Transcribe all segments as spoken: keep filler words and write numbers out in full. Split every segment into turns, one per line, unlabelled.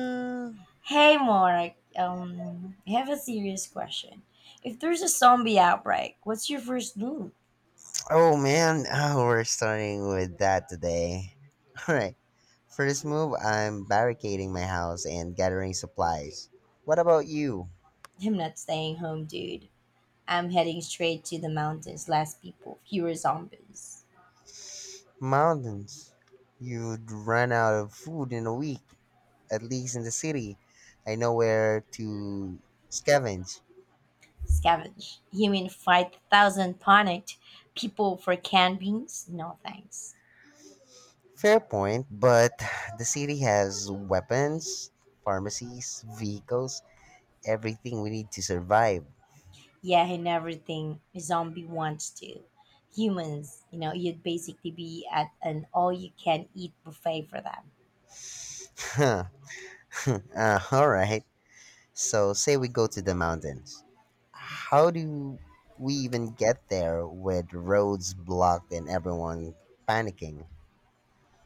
Mm.
Hey, Mark. Um, I have a serious question. If there's a zombie outbreak, what's your first move?
Oh man, oh, we're starting with that today. Alright, first move, I'm barricading my house and gathering supplies. What about you?
I'm not staying home, dude. I'm heading straight to the mountains. Less people, fewer zombies.
Mountains. You'd run out of food in a week, at least in the city. I know where to scavenge.
Scavenge. You mean fight thousand panicked people for canned beans? No thanks.
Fair point, but the city has weapons, pharmacies, vehicles, everything we need to survive.
Yeah, and everything a zombie wants to. Humans, you know, you'd basically be at an all-you-can-eat buffet for them.
Huh. uh, alright. So, say we go to the mountains. How do we even get there with roads blocked and everyone panicking?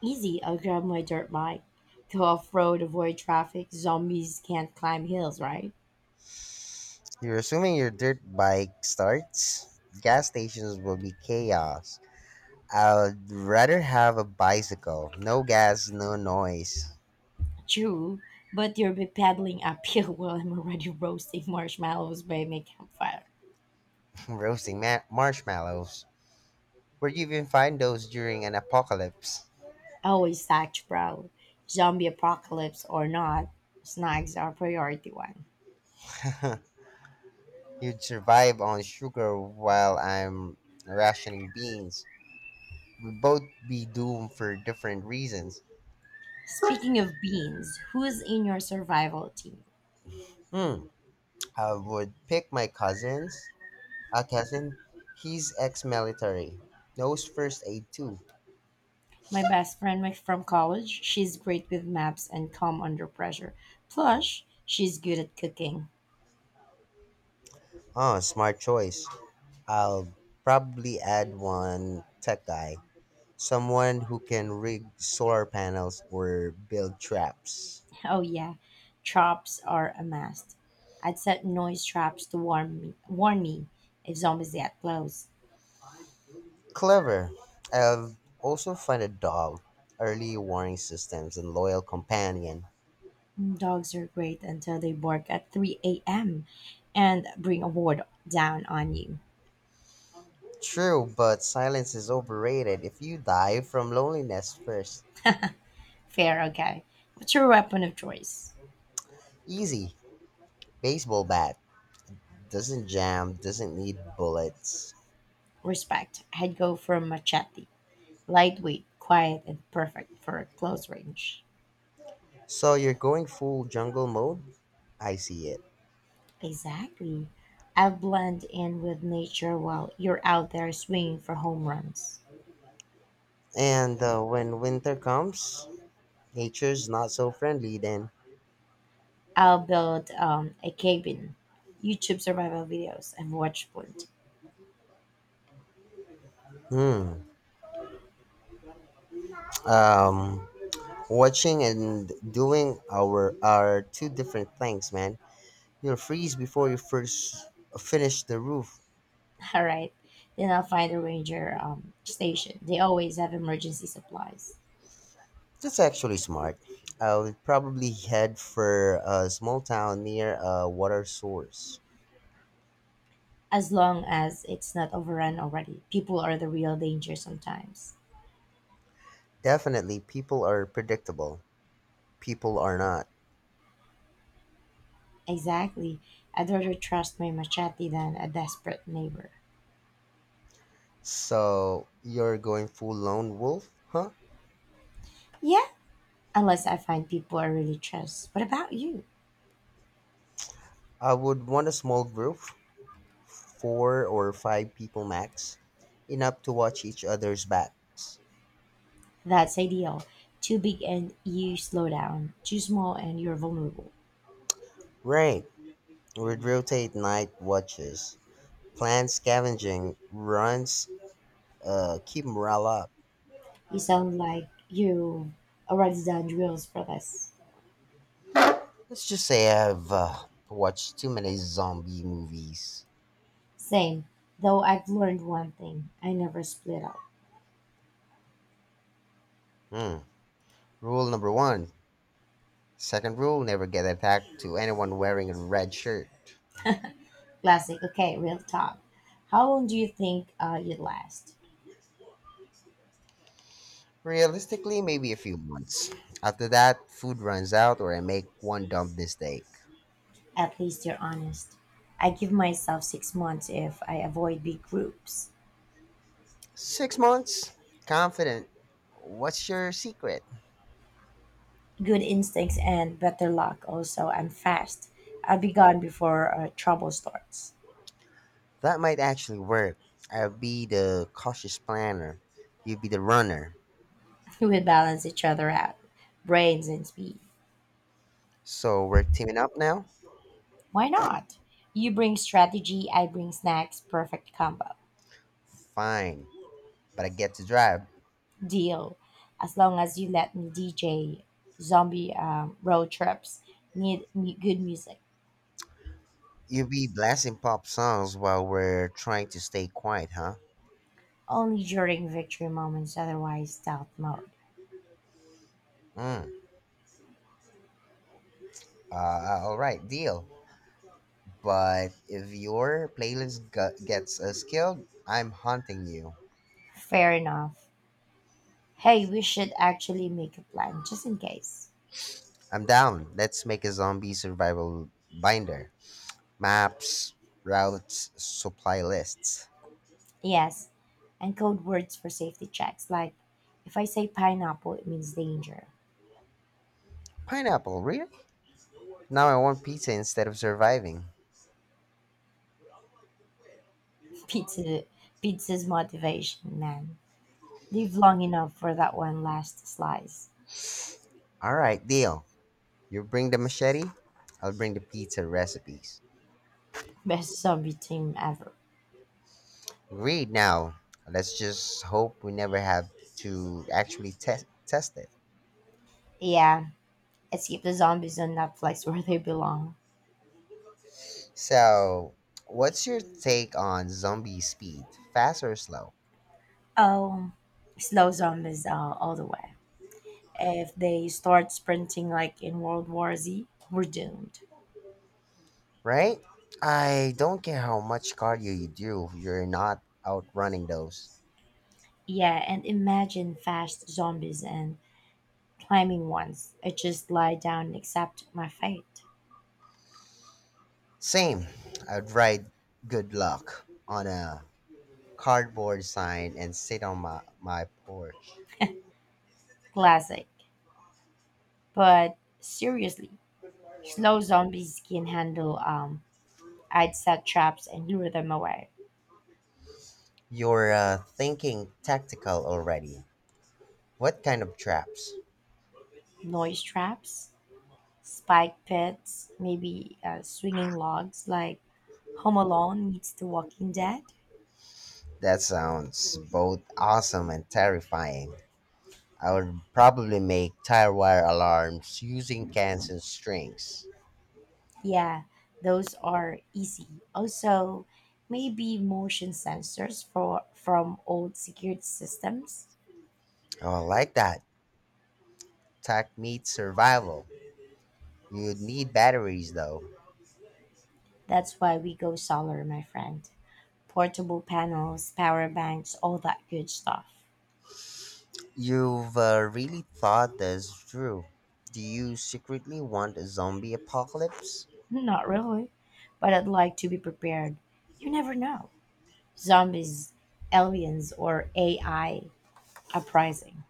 Easy, I'll grab my dirt bike. Go off road, avoid traffic. Zombies can't climb hills, right?
You're assuming your dirt bike starts? Gas stations will be chaos. I'd rather have a bicycle. No gas, no noise.
True, but you'll be paddling uphill while I'm already roasting marshmallows by my campfire.
Roasting ma- marshmallows. Where do you even find those during an apocalypse?
Always sacked, bro. Zombie apocalypse or not, snacks are priority one.
You'd survive on sugar while I'm rationing beans. We both be doomed for different reasons.
Speaking of beans, who's in your survival team?
Hmm. I would pick my cousins. A cousin, he's ex-military, knows first aid too.
My best friend my- from college, she's great with maps and calm under pressure. Plus, she's good at cooking.
Oh, smart choice. I'll probably add one tech guy, someone who can rig solar panels or build traps.
Oh yeah, traps are a must. I'd set noise traps to warn me, warn me if zombies get close.
Clever. I'll also find a dog, early warning systems, and loyal companion.
Dogs are great until they bark at three a m and bring a horde down on you.
True, but silence is overrated. If you die from loneliness first,
Fair, okay. What's your weapon of choice?
easy. Baseball bat doesn't jam, doesn't need bullets.
Respect. I'd go for a machete. Lightweight, quiet, and perfect for close range.
So you're going full jungle mode? I see it.
Exactly. I blend in with nature while you're out there swinging for home runs.
And uh, when winter comes, nature's not so friendly then.
I'll build um, a cabin, YouTube survival videos, and watch plenty.
Hmm. Um, watching and doing our are two different things, man. You'll freeze before you first finish the roof.
All right. Then I'll find a ranger um, station. They always have emergency supplies.
That's actually smart. I would probably head for a small town near a water source.
As long as it's not overrun already. People are the real danger sometimes.
Definitely, people are predictable. People are not.
Exactly. I'd rather trust my machete than a desperate neighbor.
So, you're going full lone wolf, huh?
Yeah, unless I find people I really trust. What about you?
I would want a small group, four or five people max, enough to watch each other's backs.
That's ideal. Too big and you slow down. Too small and you're vulnerable.
Right. We'd rotate night watches, plan scavenging runs, uh, keep morale up.
You sound like you've already done drills for this.
Let's just say I've uh, watched too many zombie movies.
Same, though I've learned one thing I never split up.
Hmm. Rule number one. Second rule, never get attacked to anyone wearing a red shirt.
Classic, okay, real talk. How long do you think uh, you'd last?
Realistically, maybe a few months. After that, food runs out or I make one dumb mistake.
At least you're honest. I give myself six months if I avoid big groups.
Six months? Confident. What's your secret?
Good instincts and better luck. Also, I'm fast. I'll be gone before uh, trouble starts.
That might actually work. I'll be the cautious planner. You will be the runner.
We balance each other out, brains and speed.
So we're teaming up now?
Why not? You bring strategy, I bring snacks, perfect combo.
Fine. But I get to drive.
Deal. As long as you let me D J zombie um, road trips, need mu- good music.
You be blasting pop songs while we're trying to stay quiet, huh?
Only during victory moments, otherwise, stealth mode.
Mm. Uh, uh, all right, deal. But if your playlist gu- gets us killed, I'm haunting you.
Fair enough. Hey, we should actually make a plan just in case.
I'm down. Let's make a zombie survival binder. Maps, routes, supply lists.
Yes, and code words for safety checks. Like, if I say pineapple, it means danger.
Pineapple, really? Now I want pizza instead of surviving.
Pizza, pizza's motivation, man. Live long enough for that one last slice.
All right, deal. You bring the machete, I'll bring the pizza recipes.
Best zombie team ever.
Read now. Let's just hope we never have to actually test test it.
Yeah, let's keep the zombies on Netflix where they belong.
So, what's your take on zombie speed? Fast or slow?
Oh, slow zombies all, all the way. If they start sprinting like in World War Z, we're doomed.
Right? I don't care how much cardio you do, you're not outrunning those.
Yeah, and imagine fast zombies and climbing ones. I just lie down and accept my fate.
Same. I'd write good luck on a cardboard sign and sit on my, my porch.
Classic. But seriously, slow zombies can handle um I'd set traps and lure them away.
You're uh, thinking tactical already. What kind of traps?
Noise traps, spike pits, maybe uh, swinging logs like Home Alone meets The Walking Dead.
That sounds both awesome and terrifying. I would probably make tire wire alarms using cans and strings.
Yeah, those are easy. Also, maybe motion sensors for from old security systems.
Oh, I like that. Tech meets survival. You'd need batteries though.
That's why we go solar, my friend. Portable panels, power banks, all that good stuff.
You've uh, really thought this through. Do you secretly want a zombie apocalypse?
Not really, but I'd like to be prepared. You never know. Zombies, aliens, or A I Uprising.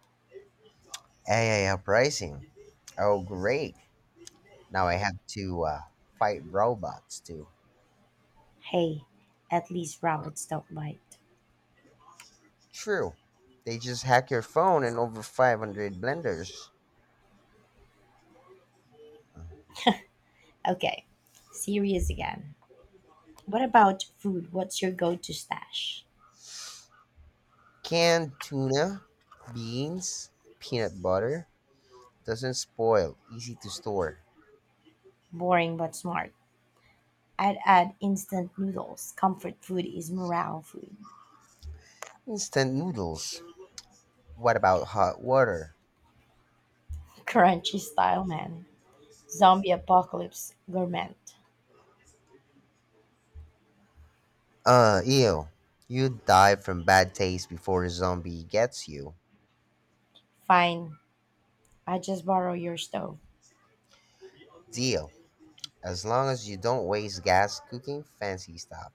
A I uprising. Oh, great. Now I have to uh, fight robots too.
Hey, at least rabbits don't bite.
True. They just hack your phone and over five hundred blenders.
Okay, serious again. What about food? What's your go to stash?
Canned tuna, beans, peanut butter doesn't spoil, easy to store.
Boring but smart. I'd add instant noodles. Comfort food is morale food.
Instant noodles. What about hot water?
Crunchy style, man. Zombie apocalypse gourmet.
Uh, ew. You die from bad taste before a zombie gets you.
Fine, I just borrow your stove.
Deal. As long as you don't waste gas cooking fancy stuff.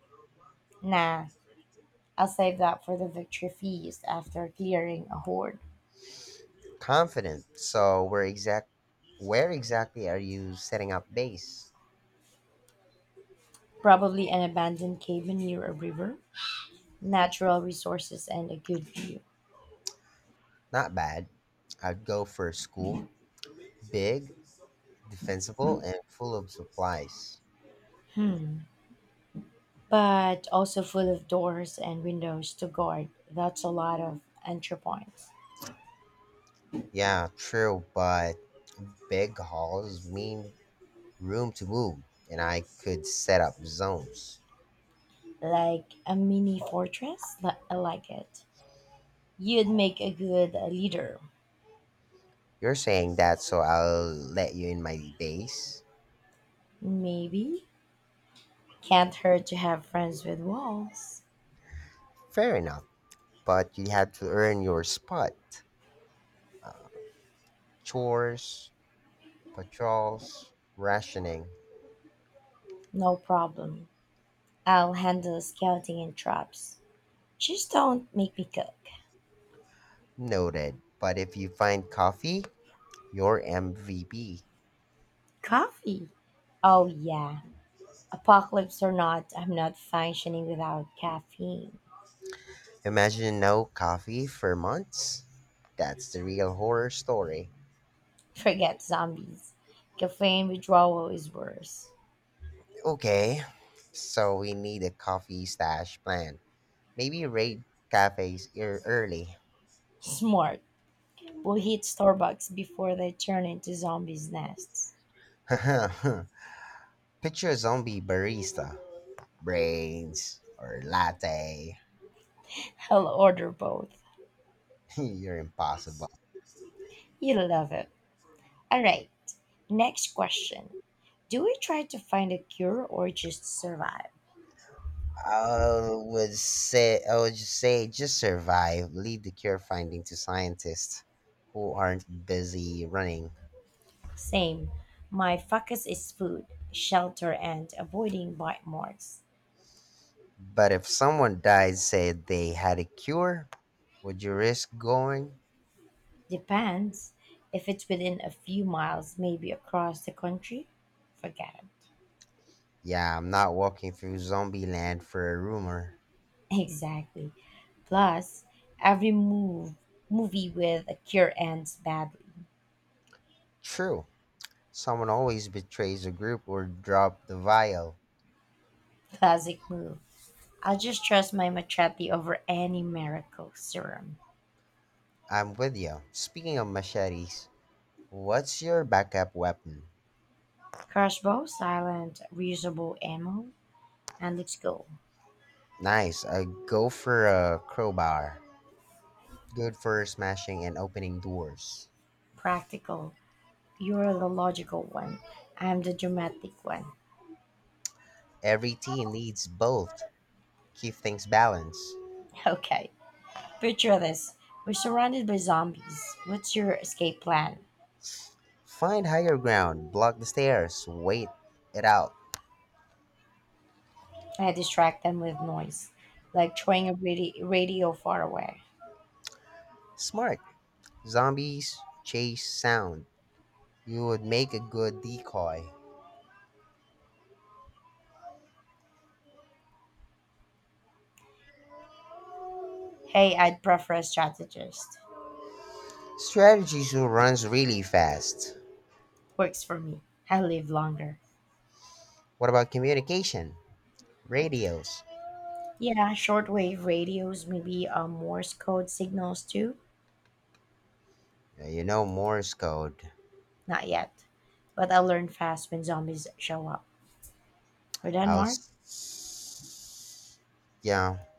Nah, I'll save that for the victory feast after clearing a horde.
Confident. So where exact where exactly are you setting up base?
Probably an abandoned cabin near a river. Natural resources and a good view,
Not bad. I'd go for school, big, defensible, and full of supplies.
but also full of doors and windows to guard. That's a lot of entry points.
Yeah, true, but big halls mean room to move, and I could set up zones.
Like a mini fortress? Li- I like it. You'd make a good uh, leader.
You're saying that so I'll let you in my base?
Maybe. Can't hurt to have friends with walls.
Fair enough, but you had to earn your spot. Uh, chores, patrols, rationing.
No problem. I'll handle scouting and traps. Just don't make me cook.
Noted. But if you find coffee, you're M V P.
Coffee. Oh, yeah. Apocalypse or not, I'm not functioning without caffeine.
Imagine no coffee for months? That's the real horror story.
Forget zombies. Caffeine withdrawal is worse.
Okay, so we need a coffee stash plan. Maybe raid cafes ear- early.
Smart. We'll hit Starbucks before they turn into zombies' nests.
Picture a zombie barista. Brains or latte.
I'll order both.
You're impossible.
You'll love it. All right. Next question. Do we try to find a cure or just survive?
I would say I would just say just survive. Leave the cure finding to scientists who aren't busy running.
Same. My focus is food, shelter, and avoiding bite marks.
But if someone died said they had a cure, would you risk going?
Depends. If it's within a few miles, maybe across the country, forget it.
Yeah, I'm not walking through zombie land for a rumor.
Exactly. Plus, every move movie with a cure ends badly.
True. Someone always betrays a group or drop the vial.
Classic move. I'll just trust my machete over any miracle serum.
I'm with you. Speaking of machetes, what's your backup weapon?
Crossbow, silent, reusable ammo, and let's go.
Nice. I go for a crowbar. Good for smashing and opening doors.
Practical. You're the logical one. I'm the dramatic one.
Every team needs both. Keep things balanced.
Okay. Picture this. We're surrounded by zombies. What's your escape plan?
Find higher ground, block the stairs, wait it out.
I distract them with noise, like throwing a radi- radio far away.
Smart. Zombies chase sound. You would make a good decoy.
Hey, I'd prefer a strategist.
Strategies who runs really fast.
Works for me. I live longer.
What about communication? Radios.
Yeah, shortwave radios, maybe uh, Morse code signals too.
Yeah, you know Morse code.
Not yet. But I'll learn fast when zombies show up. We're done,
I'll.
Mark?
s- Yeah.